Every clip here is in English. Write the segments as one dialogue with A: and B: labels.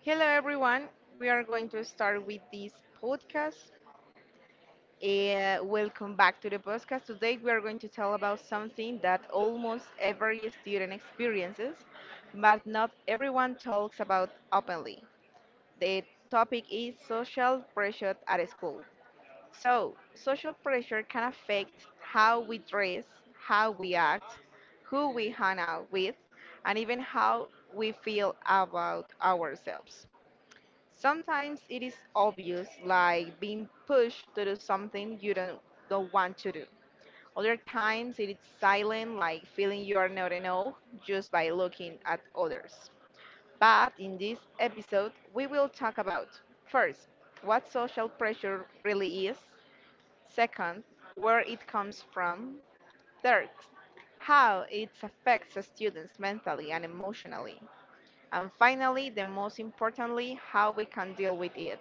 A: Hello, everyone. We are going to start with this podcast. Welcome back to the podcast. Today, we are going to tell about something that almost every student experiences, but not everyone talks about openly. The topic is social pressure at school. So, social pressure can affect how we dress, how we act, who we hang out with, and even how we feel about ourselves. Sometimes it is obvious, like being pushed to do something you don't want to do. Other times it is silent, like feeling you are not enough just by looking at others. But in this episode, we will talk about, first, what social pressure really is, second, where it comes from, third, how it affects students mentally and emotionally, and finally, the most importantly, how we can deal with it.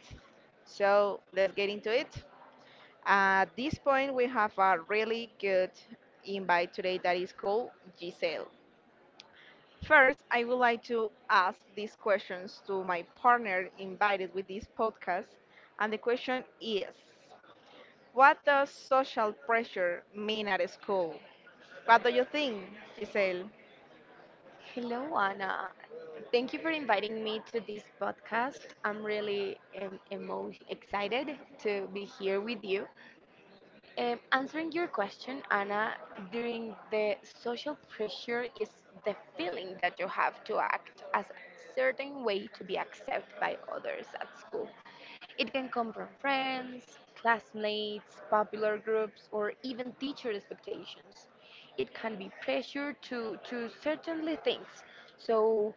A: So let's get into it. At this point, we have a really good invite today that is called Giselle. First, I would like to ask these questions to my partner invited with this podcast. And the question is, what does social pressure mean at school? What do you think, Giselle?
B: Hello, Anna. Thank you for inviting me to this podcast. I'm really excited to be here with you. Answering your question, Anna, during the social pressure is the feeling that you have to act as a certain way to be accepted by others at school. It can come from friends, classmates, popular groups, or even teacher expectations. It can be pressure to certainly things. So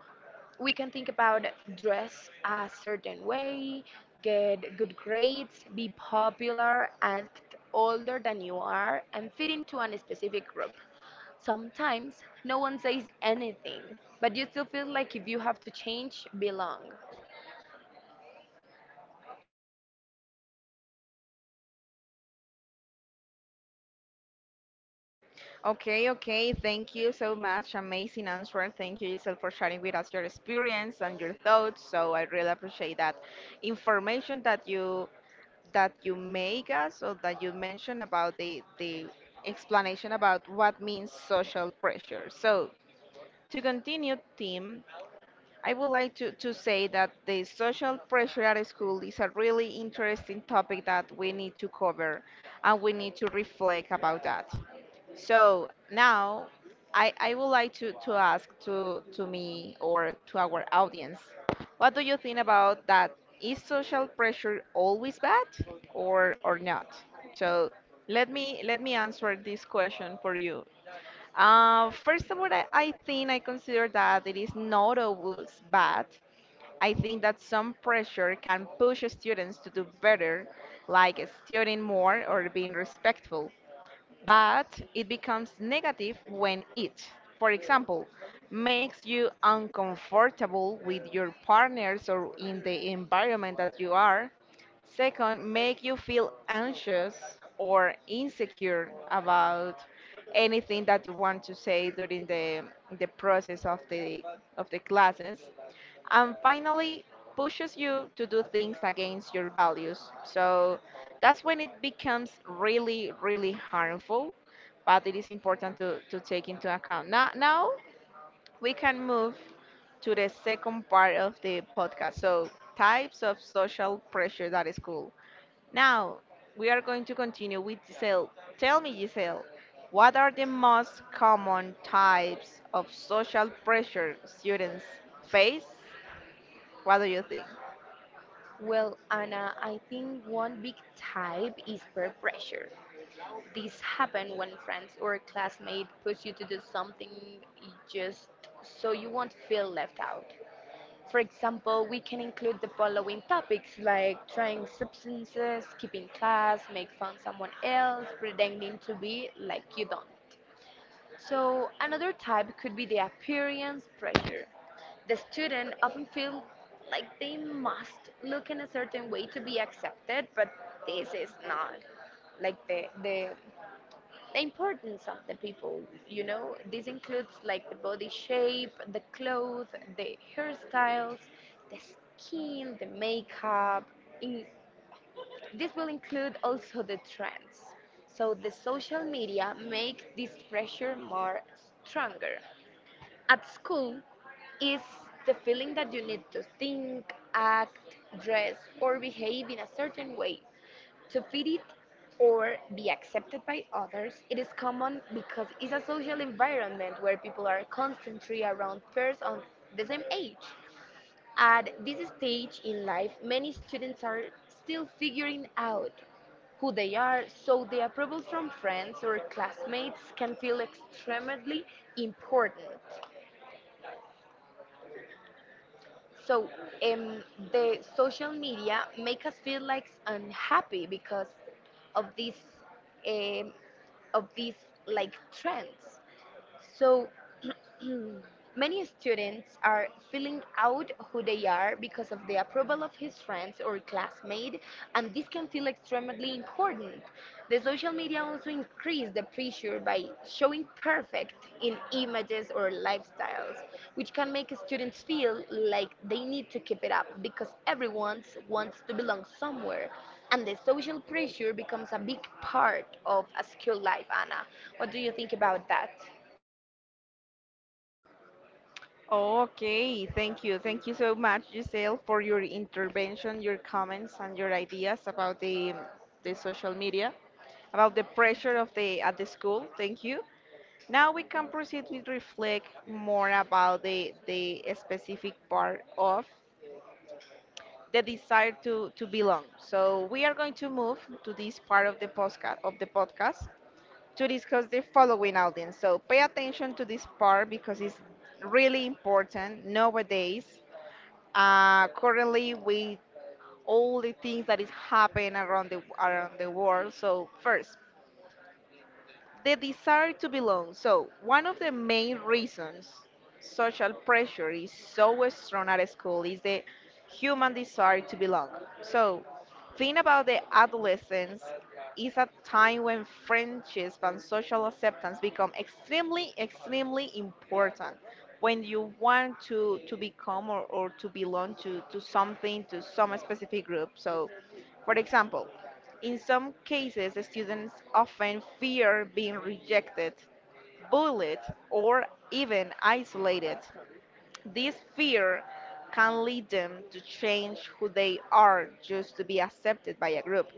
B: we can think about dress a certain way, get good grades, be popular, act older than you are, and fit into a specific group. Sometimes no one says anything, but you still feel like if you have to change, belong.
A: Okay, okay. Thank you so much. Amazing answer. Thank you, Isel, for sharing with us your experience and your thoughts. So I really appreciate that information that you make us or that you mentioned about the explanation about what means social pressure. So to continue, Tim, I would like to say that the social pressure at school is a really interesting topic that we need to cover and we need to reflect about that. So now I would like to ask to me or to our audience, what do you think about that? Is social pressure always bad or not? So let me answer this question for you. First of all, I think I consider that it is not always bad. I think that some pressure can push students to do better, like studying more or being respectful, but it becomes negative when it, for example, makes you uncomfortable with your partners or in the environment that you are. Second, make you feel anxious or insecure about anything that you want to say during the process of the classes, and finally pushes you to do things against your values. So that's when it becomes really, really harmful, but it is important to take into account. Now, we can move to the second part of the podcast. So, types of social pressure, that is cool. Now, we are going to continue with Giselle. Tell me, Giselle, what are the most common types of social pressure students face? What do you think?
B: Well, Anna, I think one big type is peer pressure. This happens when friends or classmates push you to do something just so you won't feel left out. For example, we can include the following topics like trying substances, skipping class, make fun someone else, pretending to be like you don't. So another type could be the appearance pressure. The student often feel like they must look in a certain way to be accepted, but this is not like the the importance of the people, you know, this includes like the body shape, the clothes, the hairstyles, the skin, the makeup, in, this will include also the trends. So the social media make this pressure more stronger at school is the feeling that you need to think, act, dress, or behave in a certain way to fit it or be accepted by others. It is common because it's a social environment where people are constantly around peers on the same age. At this stage in life, many students are still figuring out who they are, so the approval from friends or classmates can feel extremely important. So um, the social media make us feel like unhappy because of um, these like trends. So, many students are filling out who they are because of the approval of his friends or classmate, and this can feel extremely important. The social media also increase the pressure by showing perfect in images or lifestyles, which can make students feel like they need to keep it up because everyone wants to belong somewhere. And the social pressure becomes a big part of a school life, Anna. What do you think about that?
A: Okay, thank you. Thank you so much, Giselle, for your intervention, your comments, and your ideas about the social media, about the pressure of the at the school. Thank you. Now we can proceed with reflect more about the specific part of the desire to belong. So we are going to move to this part of the podcast to discuss the following audience. So pay attention to this part because it's really important nowadays. Currently, with all the things that is happening around the world. So first, the desire to belong. So, one of the main reasons social pressure is so strong at school is the human desire to belong. So, think about, the adolescence is a time when friendship and social acceptance become extremely, extremely important. When you want to become or to belong to something, to some specific group. So, for example, in some cases, students often fear being rejected, bullied, or even isolated. This fear can lead them to change who they are just to be accepted by a group.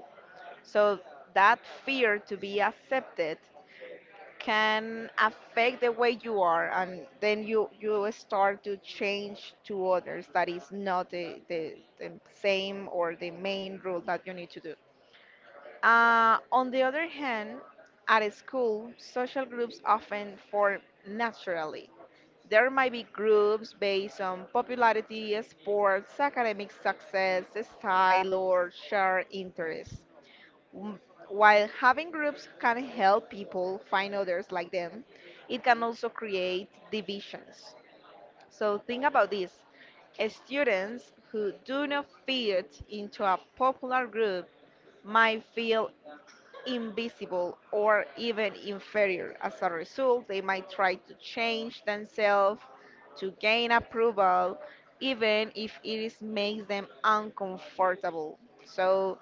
A: So, that fear to be accepted can affect the way you are, and then you start to change to others. That is not the same or the main rule that you need to do. On the other hand, at a school, social groups often form naturally. There might be groups based on popularity, sports, academic success, style, or shared interests. M- While having groups can help people find others like them, it can also create divisions. So think about this. Students who do not fit into a popular group might feel invisible or even inferior. As a result, they might try to change themselves to gain approval, even if it is makes them uncomfortable. So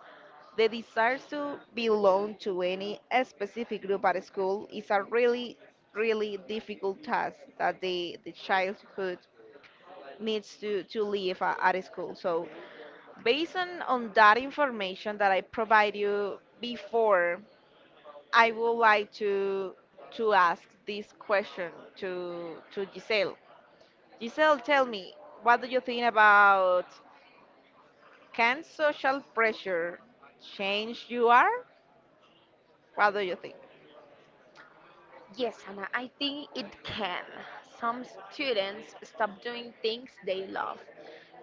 A: the desire to belong to any specific group at school is a really, really difficult task that the childhood needs to live at school. So based on that information that I provide you before, I would like to ask this question to Giselle. Giselle, tell me, what do you think about, can social pressure change you are? What do you think?
B: Yes, Hannah, I think it can. Some students stop doing things they love,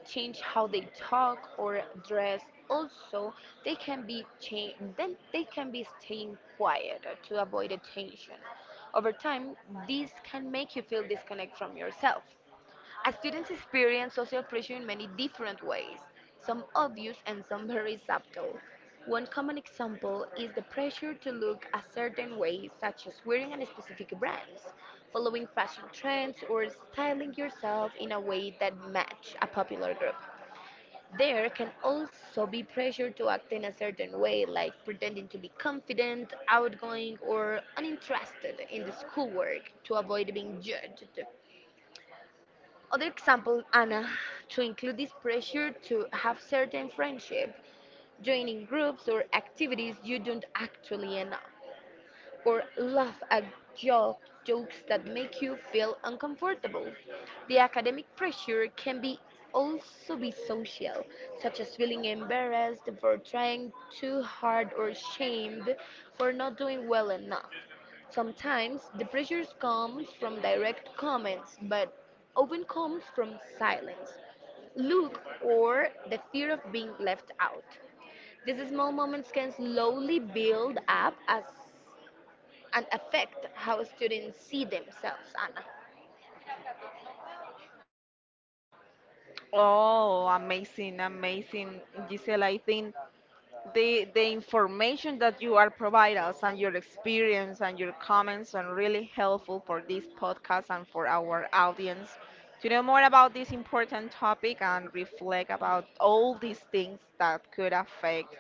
B: change how they talk or dress. Also, they can be cha- then they can be staying quiet to avoid attention. Over time, this can make you feel disconnect from yourself. As students experience social pressure in many different ways, some obvious and some very subtle. One common example is the pressure to look a certain way, such as wearing a specific brands, following fashion trends, or styling yourself in a way that match a popular group. There can also be pressure to act in a certain way, like pretending to be confident, outgoing, or uninterested in the schoolwork to avoid being judged. Other example, Anna, to include this pressure to have certain friendship, joining groups or activities you don't actually know or laugh at joke, jokes that make you feel uncomfortable. The academic pressure can be also be social, such as feeling embarrassed for trying too hard or shamed for not doing well enough. Sometimes the pressures come from direct comments, but often comes from silence, look, or the fear of being left out. These small moments can slowly build up as and affect how students see themselves, Anna?
A: Oh, amazing, amazing, Giselle. I think the information that you are providing us and your experience and your comments are really helpful for this podcast and for our audience to know more about this important topic and reflect about all these things that could affect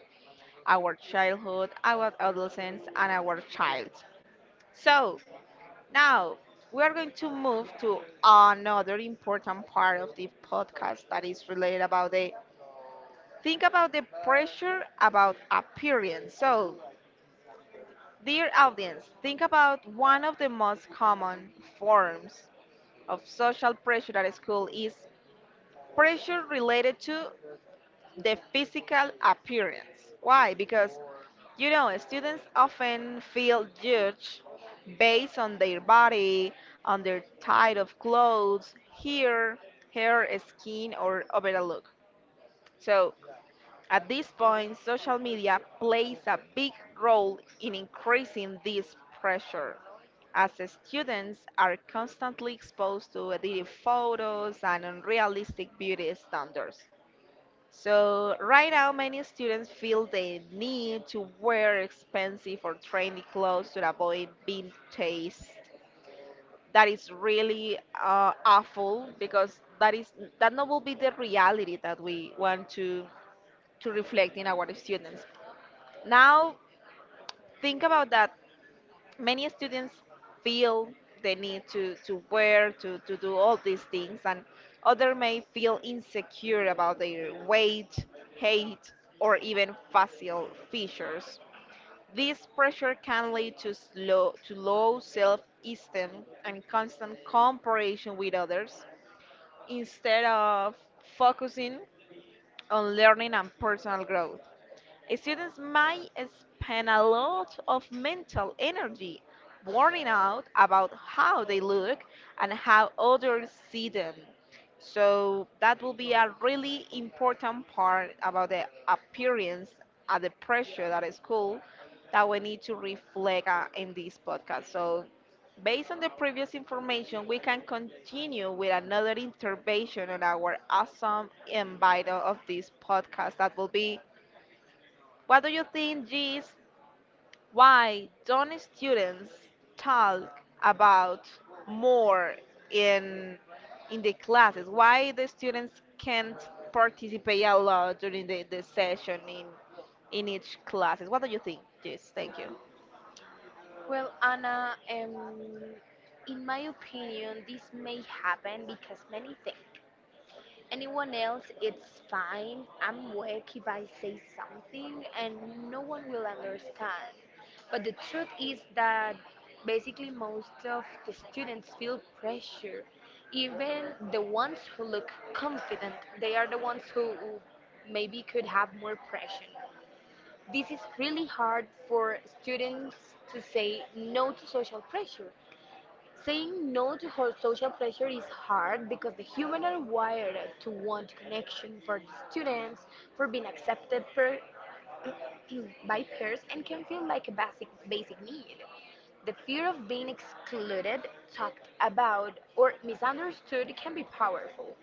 A: our childhood, our adolescence, and our child. So now we are going to move to another important part of the podcast that is related about the, think about the pressure about appearance. So, dear audience, think about, one of the most common forms of social pressure at school is pressure related to the physical appearance. Why? Because, you know, students often feel judged based on their body, on their type of clothes, hair, hair, skin, or overall look. So, at this point, social media plays a big role in increasing this pressure, as students are constantly exposed to edited photos and unrealistic beauty standards. So, right now, many students feel the need to wear expensive or trendy clothes to avoid being chased. That is really awful because that is that not will be the reality that we want to reflect in our students. Now, think about that. Many students feel the need to wear, to do all these things, and other may feel insecure about their weight, height, or even facial features. This pressure can lead to low self esteem and constant comparison with others instead of focusing on learning and personal growth. Students might spend a lot of mental energy worrying out about how they look and how others see them. So that will be a really important part about the appearance and the pressure that is school that we need to reflect in this podcast. So based on the previous information, we can continue with another intervention on our awesome invite of this podcast, that will be, what do you think is, why don't students talk about more in in the classes? Why the students can't participate a lot during the session in each classes? What do you think, Jis? Thank you.
B: Well, Anna, in my opinion, this may happen because many think anyone else, it's fine. I'm weak if I say something, and no one will understand. But the truth is that basically most of the students feel pressure. Even the ones who look confident, they are the ones who maybe could have more pressure. This is really hard for students to say no to social pressure. Saying no to ho- social pressure is hard because the human are wired to want connection for the students, for being accepted per, by peers, and can feel like a basic, basic need. The fear of being excluded, talked about, or misunderstood can be powerful.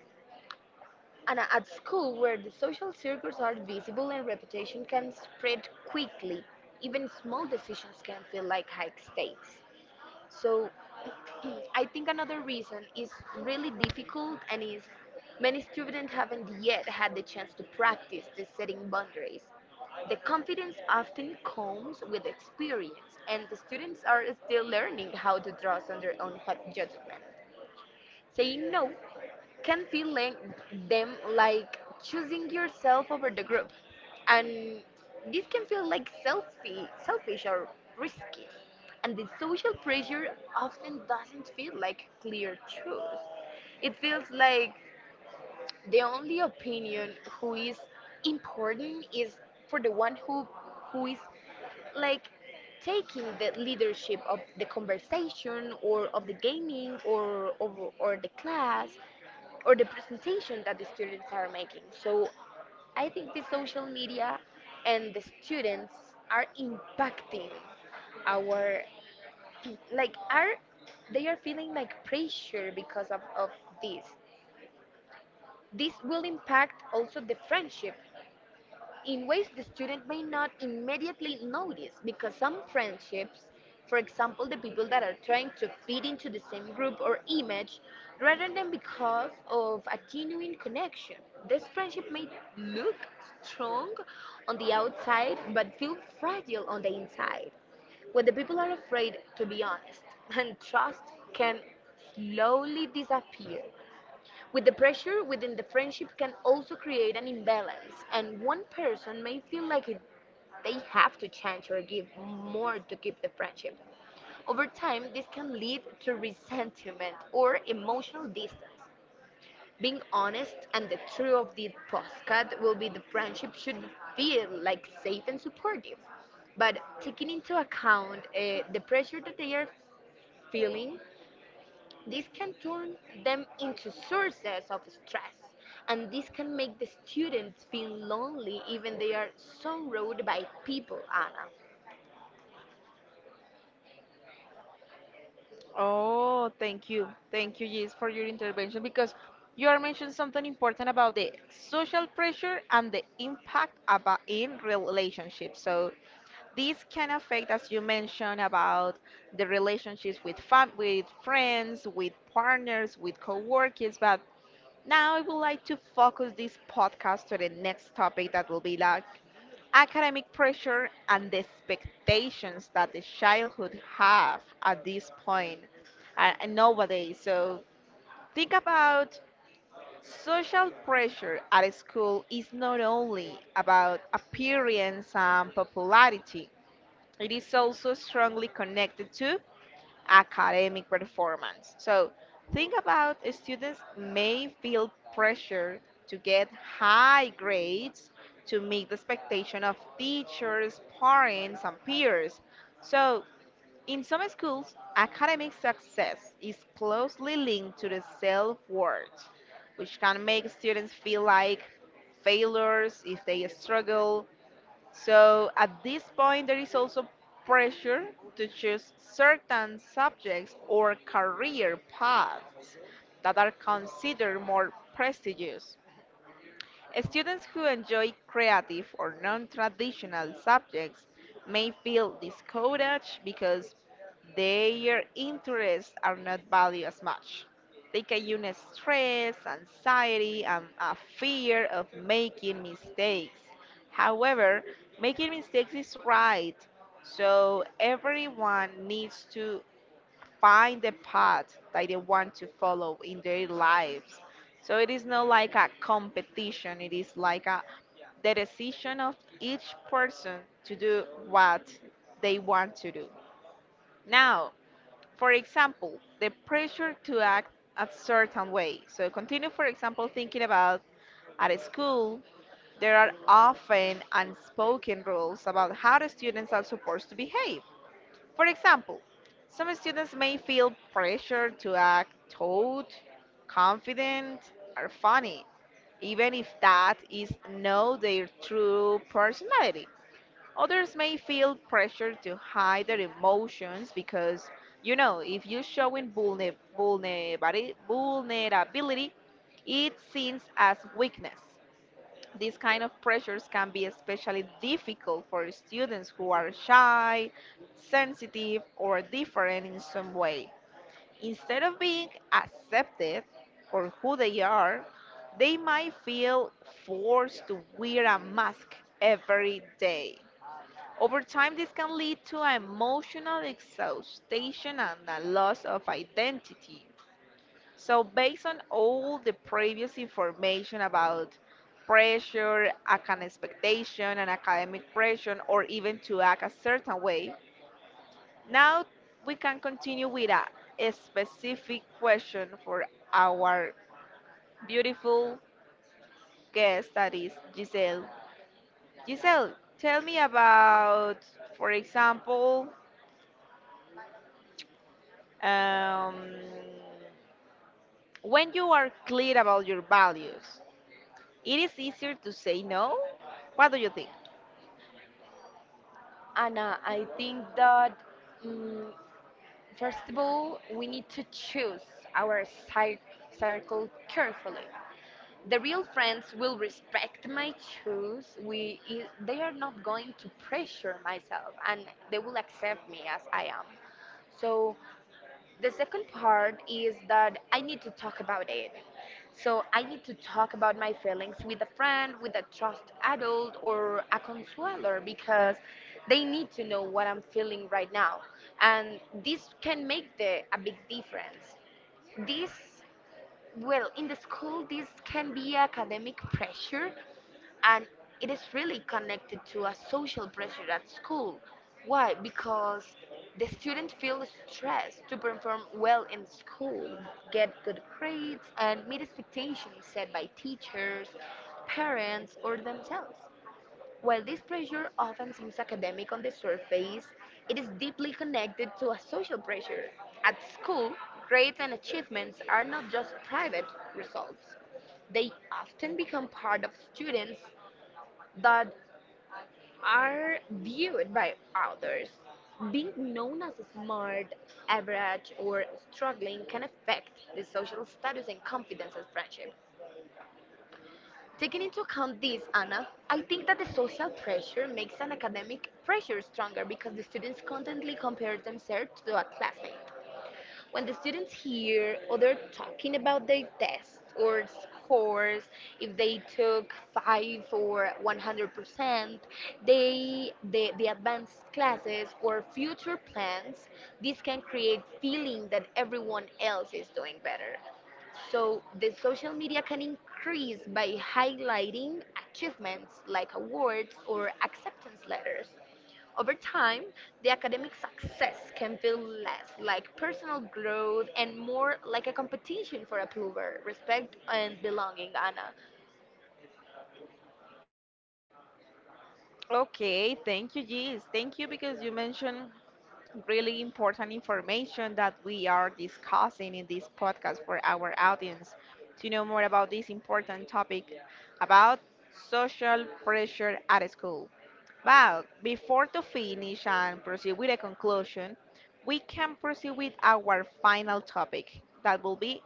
B: And at school, where the social circles are visible and reputation can spread quickly, even small decisions can feel like high stakes. So, I think another reason is really difficult and is many students haven't yet had the chance to practice the setting boundaries. The confidence often comes with experience, and the students are still learning how to draw on their own judgment. Saying no can feel like them like choosing yourself over the group, and this can feel like selfish or risky. And the social pressure often doesn't feel like clear truth. It feels like the only opinion who is important is for the one who is like taking the leadership of the conversation or of the gaming or the class or the presentation that the students are making. So I think the social media and the students are impacting our like are they are feeling like pressure because of this. This will impact also the friendship in ways the student may not immediately notice because some friendships, for example, the people that are trying to fit into the same group or image, rather than because of a genuine connection. This friendship may look strong on the outside but feel fragile on the inside. When the people are afraid to be honest and trust can slowly disappear. With the pressure within the friendship can also create an imbalance, and one person may feel like it, they have to change or give more to keep the friendship. Over time, this can lead to resentment or emotional distance. Being honest and the truth of the postcard will be the friendship should feel like safe and supportive. But taking into account the pressure that they are feeling, this can turn them into sources of stress, and this can make the students feel lonely even they are surrounded by people, Anna.
A: Oh, thank you. Thank you, Gis, for your intervention because you are mentioning something important about the social pressure and the impact about in relationships. So this can affect, as you mentioned, about the relationships with fam with friends, with partners, with coworkers. But now I would like to focus this podcast to the next topic, that will be like academic pressure and the expectations that the childhood have at this point, and nowadays. So think about, social pressure at school is not only about appearance and popularity. It is also strongly connected to academic performance. So think about, students may feel pressure to get high grades, to meet the expectation of teachers, parents, and peers. So in some schools, academic success is closely linked to the self-worth, which can make students feel like failures if they struggle. So at this point, there is also pressure to choose certain subjects or career paths that are considered more prestigious. Students who enjoy creative or non traditional subjects may feel discouraged because their interests are not valued as much. They can use stress, anxiety, and a fear of making mistakes. However, making mistakes is right, so everyone needs to find the path that they want to follow in their lives. So it is not like a competition, it is like a the decision of each person to do what they want to do. Now, for example, the pressure to act a certain way. So continue, for example, thinking about, at a school, there are often unspoken rules about how the students are supposed to behave. For example, some students may feel pressure to act taut, confident, or funny, even if that is not their true personality. Others may feel pressure to hide their emotions because, if you're showing vulnerability, it seems as weakness. These kind of pressures can be especially difficult for students who are shy, sensitive, or different in some way. Instead of being accepted for who they are, they might feel forced to wear a mask every day. Over time, this can lead to emotional exhaustion and a loss of identity. So, based on all the previous information about pressure, an expectation, and academic pressure, or even to act a certain way, now we can continue with a specific question for our beautiful guest that is Giselle. Giselle, tell me about, for example, um, when you are clear about your values, it is easier to say no. What do you think?
B: Anna, I think that mm first of all, we need to choose our circle carefully. The real friends will respect my choice. They are not going to pressure myself, and they will accept me as I am. So the second part is that I need to talk about it. So I need to talk about my feelings with a friend, with a trust adult, or a consueler because they need to know what I'm feeling right now. And this can make a big difference. This, well, in the school, this can be academic pressure, and it is really connected to a social pressure at school. Why? Because the student feels stressed to perform well in school, get good grades, and meet expectations set by teachers, parents, or themselves. While this pressure often seems academic on the surface, it is deeply connected to a social pressure. At school, grades and achievements are not just private results, they often become part of students that are viewed by others. Being known as smart, average, or struggling can affect the social status and confidence of friendship. Taking into account this, Anna, I think that the social pressure makes an academic pressure stronger because the students constantly compare themselves to a classmate. When the students hear other talking about their tests or scores, if they took 5 or 100%, they the advanced classes or future plans, this can create feeling that everyone else is doing better. So the social media can increase by highlighting achievements like awards or acceptance letters. Over time, the academic success can feel less like personal growth and more like a competition for approval, respect, and belonging, Anna.
A: Okay, thank you, Gis. Thank you because you mentioned really important information that we are discussing in this podcast for our audience to know more about this important topic about social pressure at school. But before to finish and proceed with a conclusion, we can proceed with our final topic that will be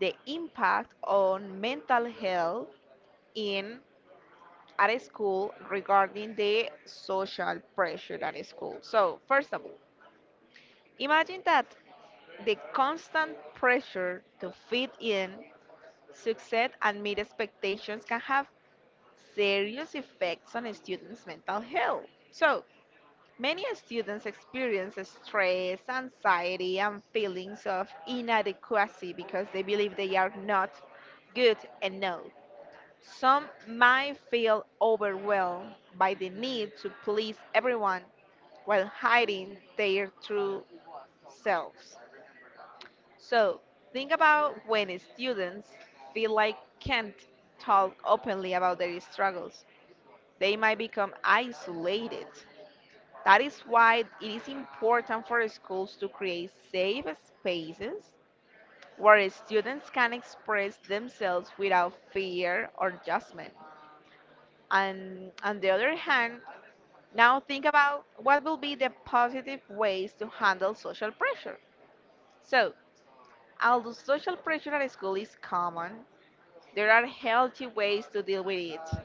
A: the impact on mental health in at school regarding the social pressure at school. So, first of all, imagine that the constant pressure to fit in, succeed, and meet expectations can have serious effects on a student's mental health. So, many students experience stress, anxiety, and feelings of inadequacy because they believe they are not good enough. Some might feel overwhelmed by the need to please everyone while hiding their true selves. So, think about when students feel like can't talk openly about their struggles. They might become isolated. That is why it is important for schools to create safe spaces where students can express themselves without fear or judgment. And on the other hand, now think about what will be the positive ways to handle social pressure. So, although social pressure at school is common, there are healthy ways to deal with it.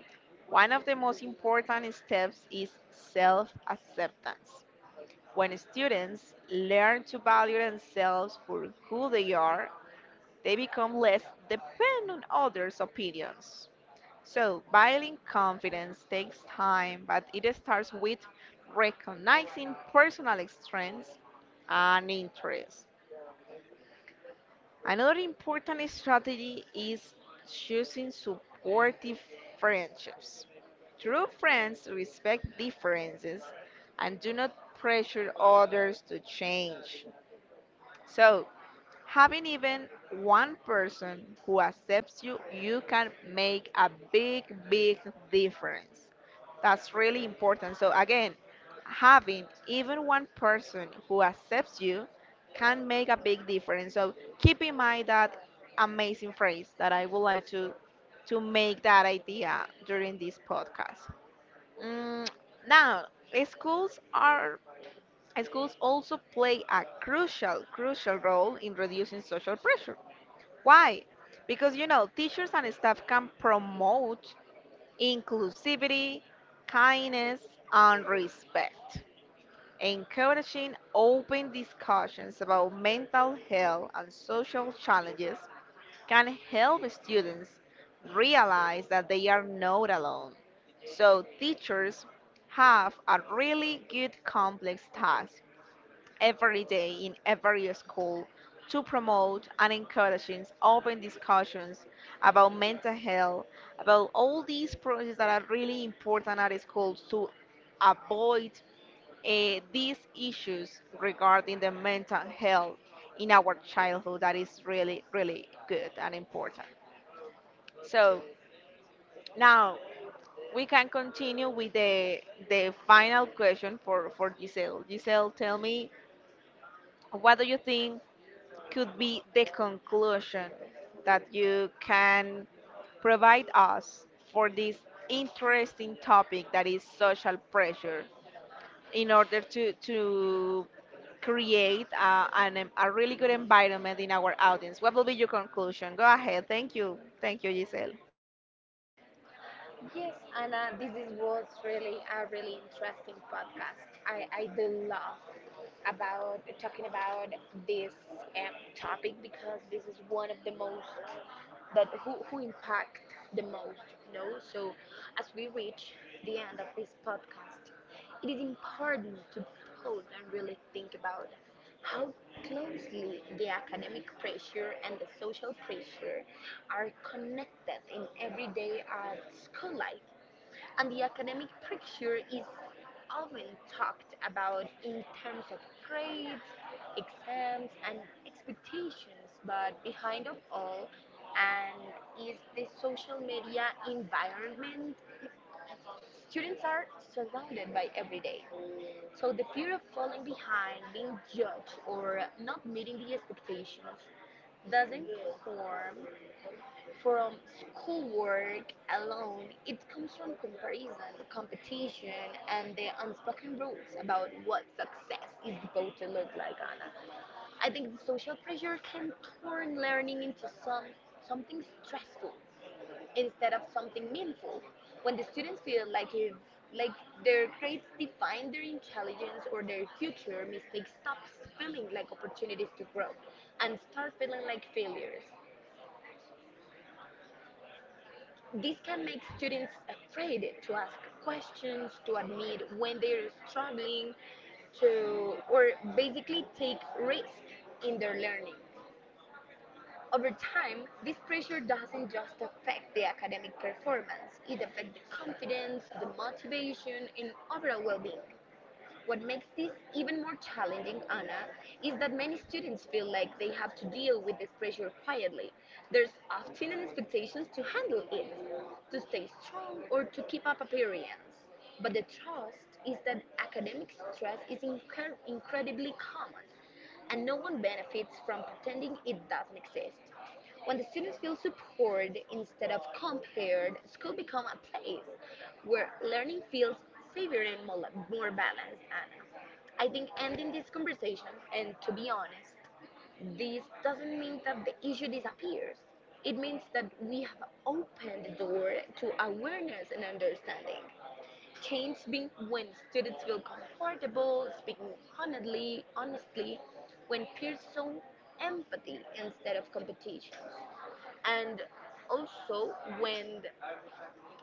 A: One of the most important steps is self acceptance. When students learn to value themselves for who they are, they become less dependent on others' opinions. So, building confidence takes time, but it starts with recognizing personal strengths and interests. Another important strategy is choosing supportive friendships. True friends respect differences and do not pressure others to change. So, having even one person who accepts you, you can make a big, big difference. That's really important. So, again, having even one person who accepts you can make a big difference. So, keep in mind that amazing phrase that I would like to make that idea during this podcast. Mm, now, schools are Schools also play a crucial, crucial role in reducing social pressure. Why? Because you know, teachers and staff can promote inclusivity, kindness, and respect, encouraging open discussions about mental health and social challenges can help students realize that they are not alone. So teachers have a really good complex task every day in every school to promote and encouraging open discussions about mental health, about all these projects that are really important at schools to avoid these issues regarding the mental health in our childhood that is really, really good and important. So now we can continue with the final question for Giselle. Giselle, tell me what do you think could be the conclusion that you can provide us for this interesting topic that is social pressure in order to create a really good environment in our audience? What will be your conclusion? Go ahead. Thank you. Thank you, Giselle.
B: Yes, Anna, this is was really a really interesting podcast. I do love about talking about this topic because this is one of the most that who impact the most, you know. So as we reach the end of this podcast, it is important to pause and really think about how closely the academic pressure and the social pressure are connected in everyday school life. And the academic pressure is often talked about in terms of grades, exams, and expectations, but behind of all, and is the social media environment students are surrounded by every day. So the fear of falling behind, being judged, or not meeting the expectations doesn't form from schoolwork alone, it comes from comparison, competition, and the unspoken rules about what success is supposed to look like, Anna. I think the social pressure can turn learning into some something stressful instead of something meaningful. When the students feel like if like their grades define their intelligence or their future, mistakes stop feeling like opportunities to grow and start feeling like failures. This can make students afraid to ask questions, to admit when they're struggling, to or basically take risk in their learning. Over time, this pressure doesn't just affect the academic performance, it affects the confidence, the motivation, and overall well-being. What makes this even more challenging, Anna, is that many students feel like they have to deal with this pressure quietly. There's often an expectation to handle it, to stay strong, or to keep up appearance. But the trust is that academic stress is incredibly common, and no one benefits from pretending it doesn't exist. When the students feel supported instead of compared, school becomes a place where learning feels safer and more balanced, Anna. I think ending this conversation, and to be honest, this doesn't mean that the issue disappears. It means that we have opened the door to awareness and understanding. Change being when students feel comfortable speaking honestly, when peers show empathy instead of competition, and also when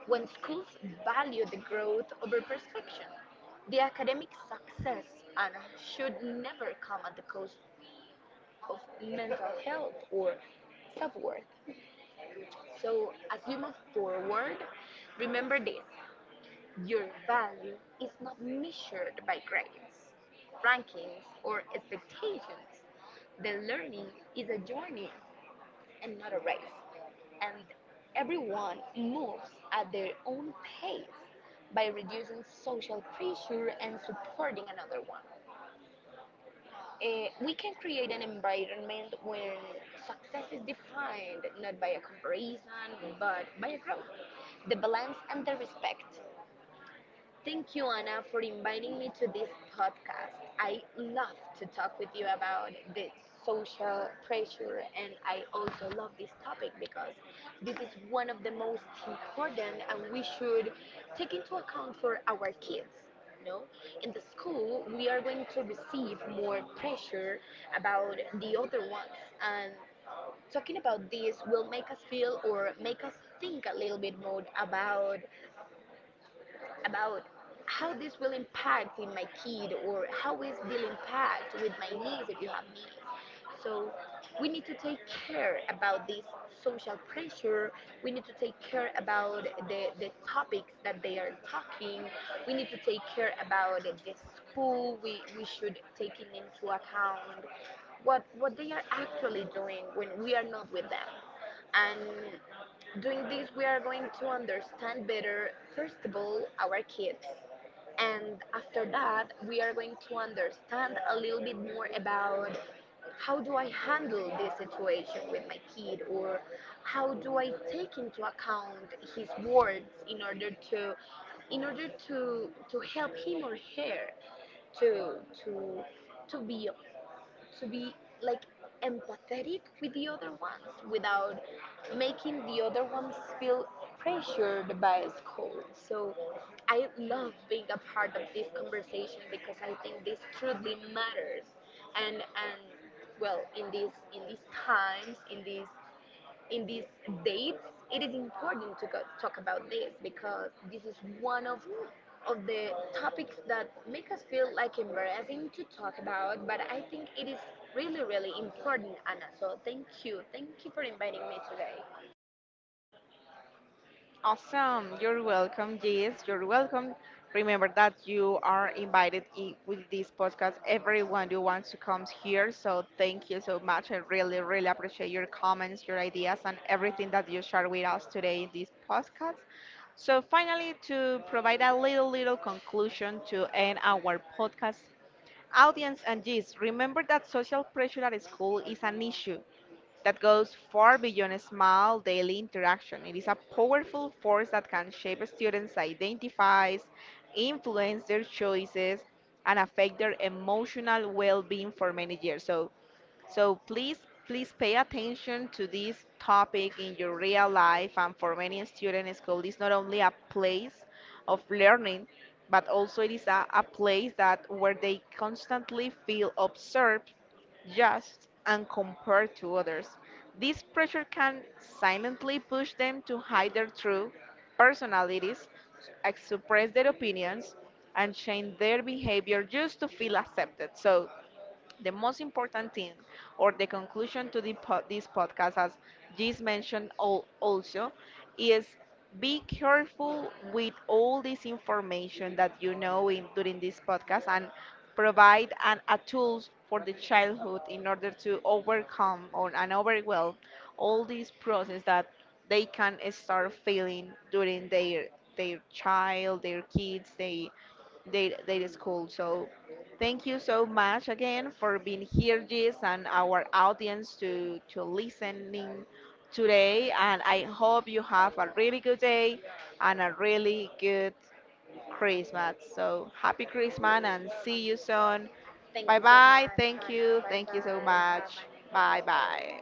B: when schools value the growth over perfection, the academic success and should never come at the cost of mental health or self-worth. So as you move forward, remember this. Your value is not measured by grades, rankings, or expectations. The learning is a journey and not a race. And everyone moves at their own pace by reducing social pressure and supporting another one. We can create an environment where success is defined not by a comparison but by a growth, the balance, and the respect. Thank you, Anna, for inviting me to this podcast. I love to talk with you about the social pressure, and I also love this topic because this is one of the most important, and we should take into account for our kids. No, in the school, we are going to receive more pressure about the other ones, and talking about this will make us feel or make us think a little bit more about how this will impact in my kid or how is this impact with my niece if you have niece. So we need to take care about this social pressure. We need to take care about the topics that they are talking. We need to take care about the school. We should take into account what they are actually doing when we are not with them. And doing this, we are going to understand better, first of all, our kids. And after that, we are going to understand a little bit more about how do I handle this situation with my kid or how do I take into account his words in order to in order to help him or her to to to be like empathetic with the other ones without making the other ones feel pressured by school. So I love being a part of this conversation because I think this truly matters. And well, in these times, in these dates, it is important to go, talk about this because this is one of the topics that make us feel like embarrassing to talk about, but I think it is really, really important, Anna. So thank you. Thank you for inviting me today.
A: Awesome. You're welcome. Yes, you're welcome. Remember that you are invited with this podcast. Everyone who wants to come here. So thank you so much. I really, really appreciate your comments, your ideas, and everything that you share with us today in this podcast. So finally, to provide a little, little conclusion to end our podcast, audience and Gis, remember that social pressure at school is an issue that goes far beyond a small daily interaction. It is a powerful force that can shape students' identities, influence their choices, and affect their emotional well being for many years. So, so please, please pay attention to this topic in your real life. And for many students, school is not only a place of learning, but also it is a place that where they constantly feel observed, judged, and compared to others. This pressure can silently push them to hide their true personalities, suppress their opinions, and change their behavior just to feel accepted. So the most important thing, or the conclusion to this podcast, as Gis mentioned also, is be careful with all this information that you know in, during this podcast and provide a tools for the childhood in order to overcome or and overwhelm all these process that they can start feeling during their child, their kids, they their school. So thank you so much again for being here, Jis, and our audience to listening today. And I hope you have a really good day and a really good Christmas. So happy Christmas and see you soon.
B: Thank
A: Bye
B: you so
A: bye.
B: much,
A: Thank
B: Anna.
A: you.
B: Bye
A: Thank you so
B: bye. Have a
A: much.
B: nice
A: Bye
B: day.
A: bye.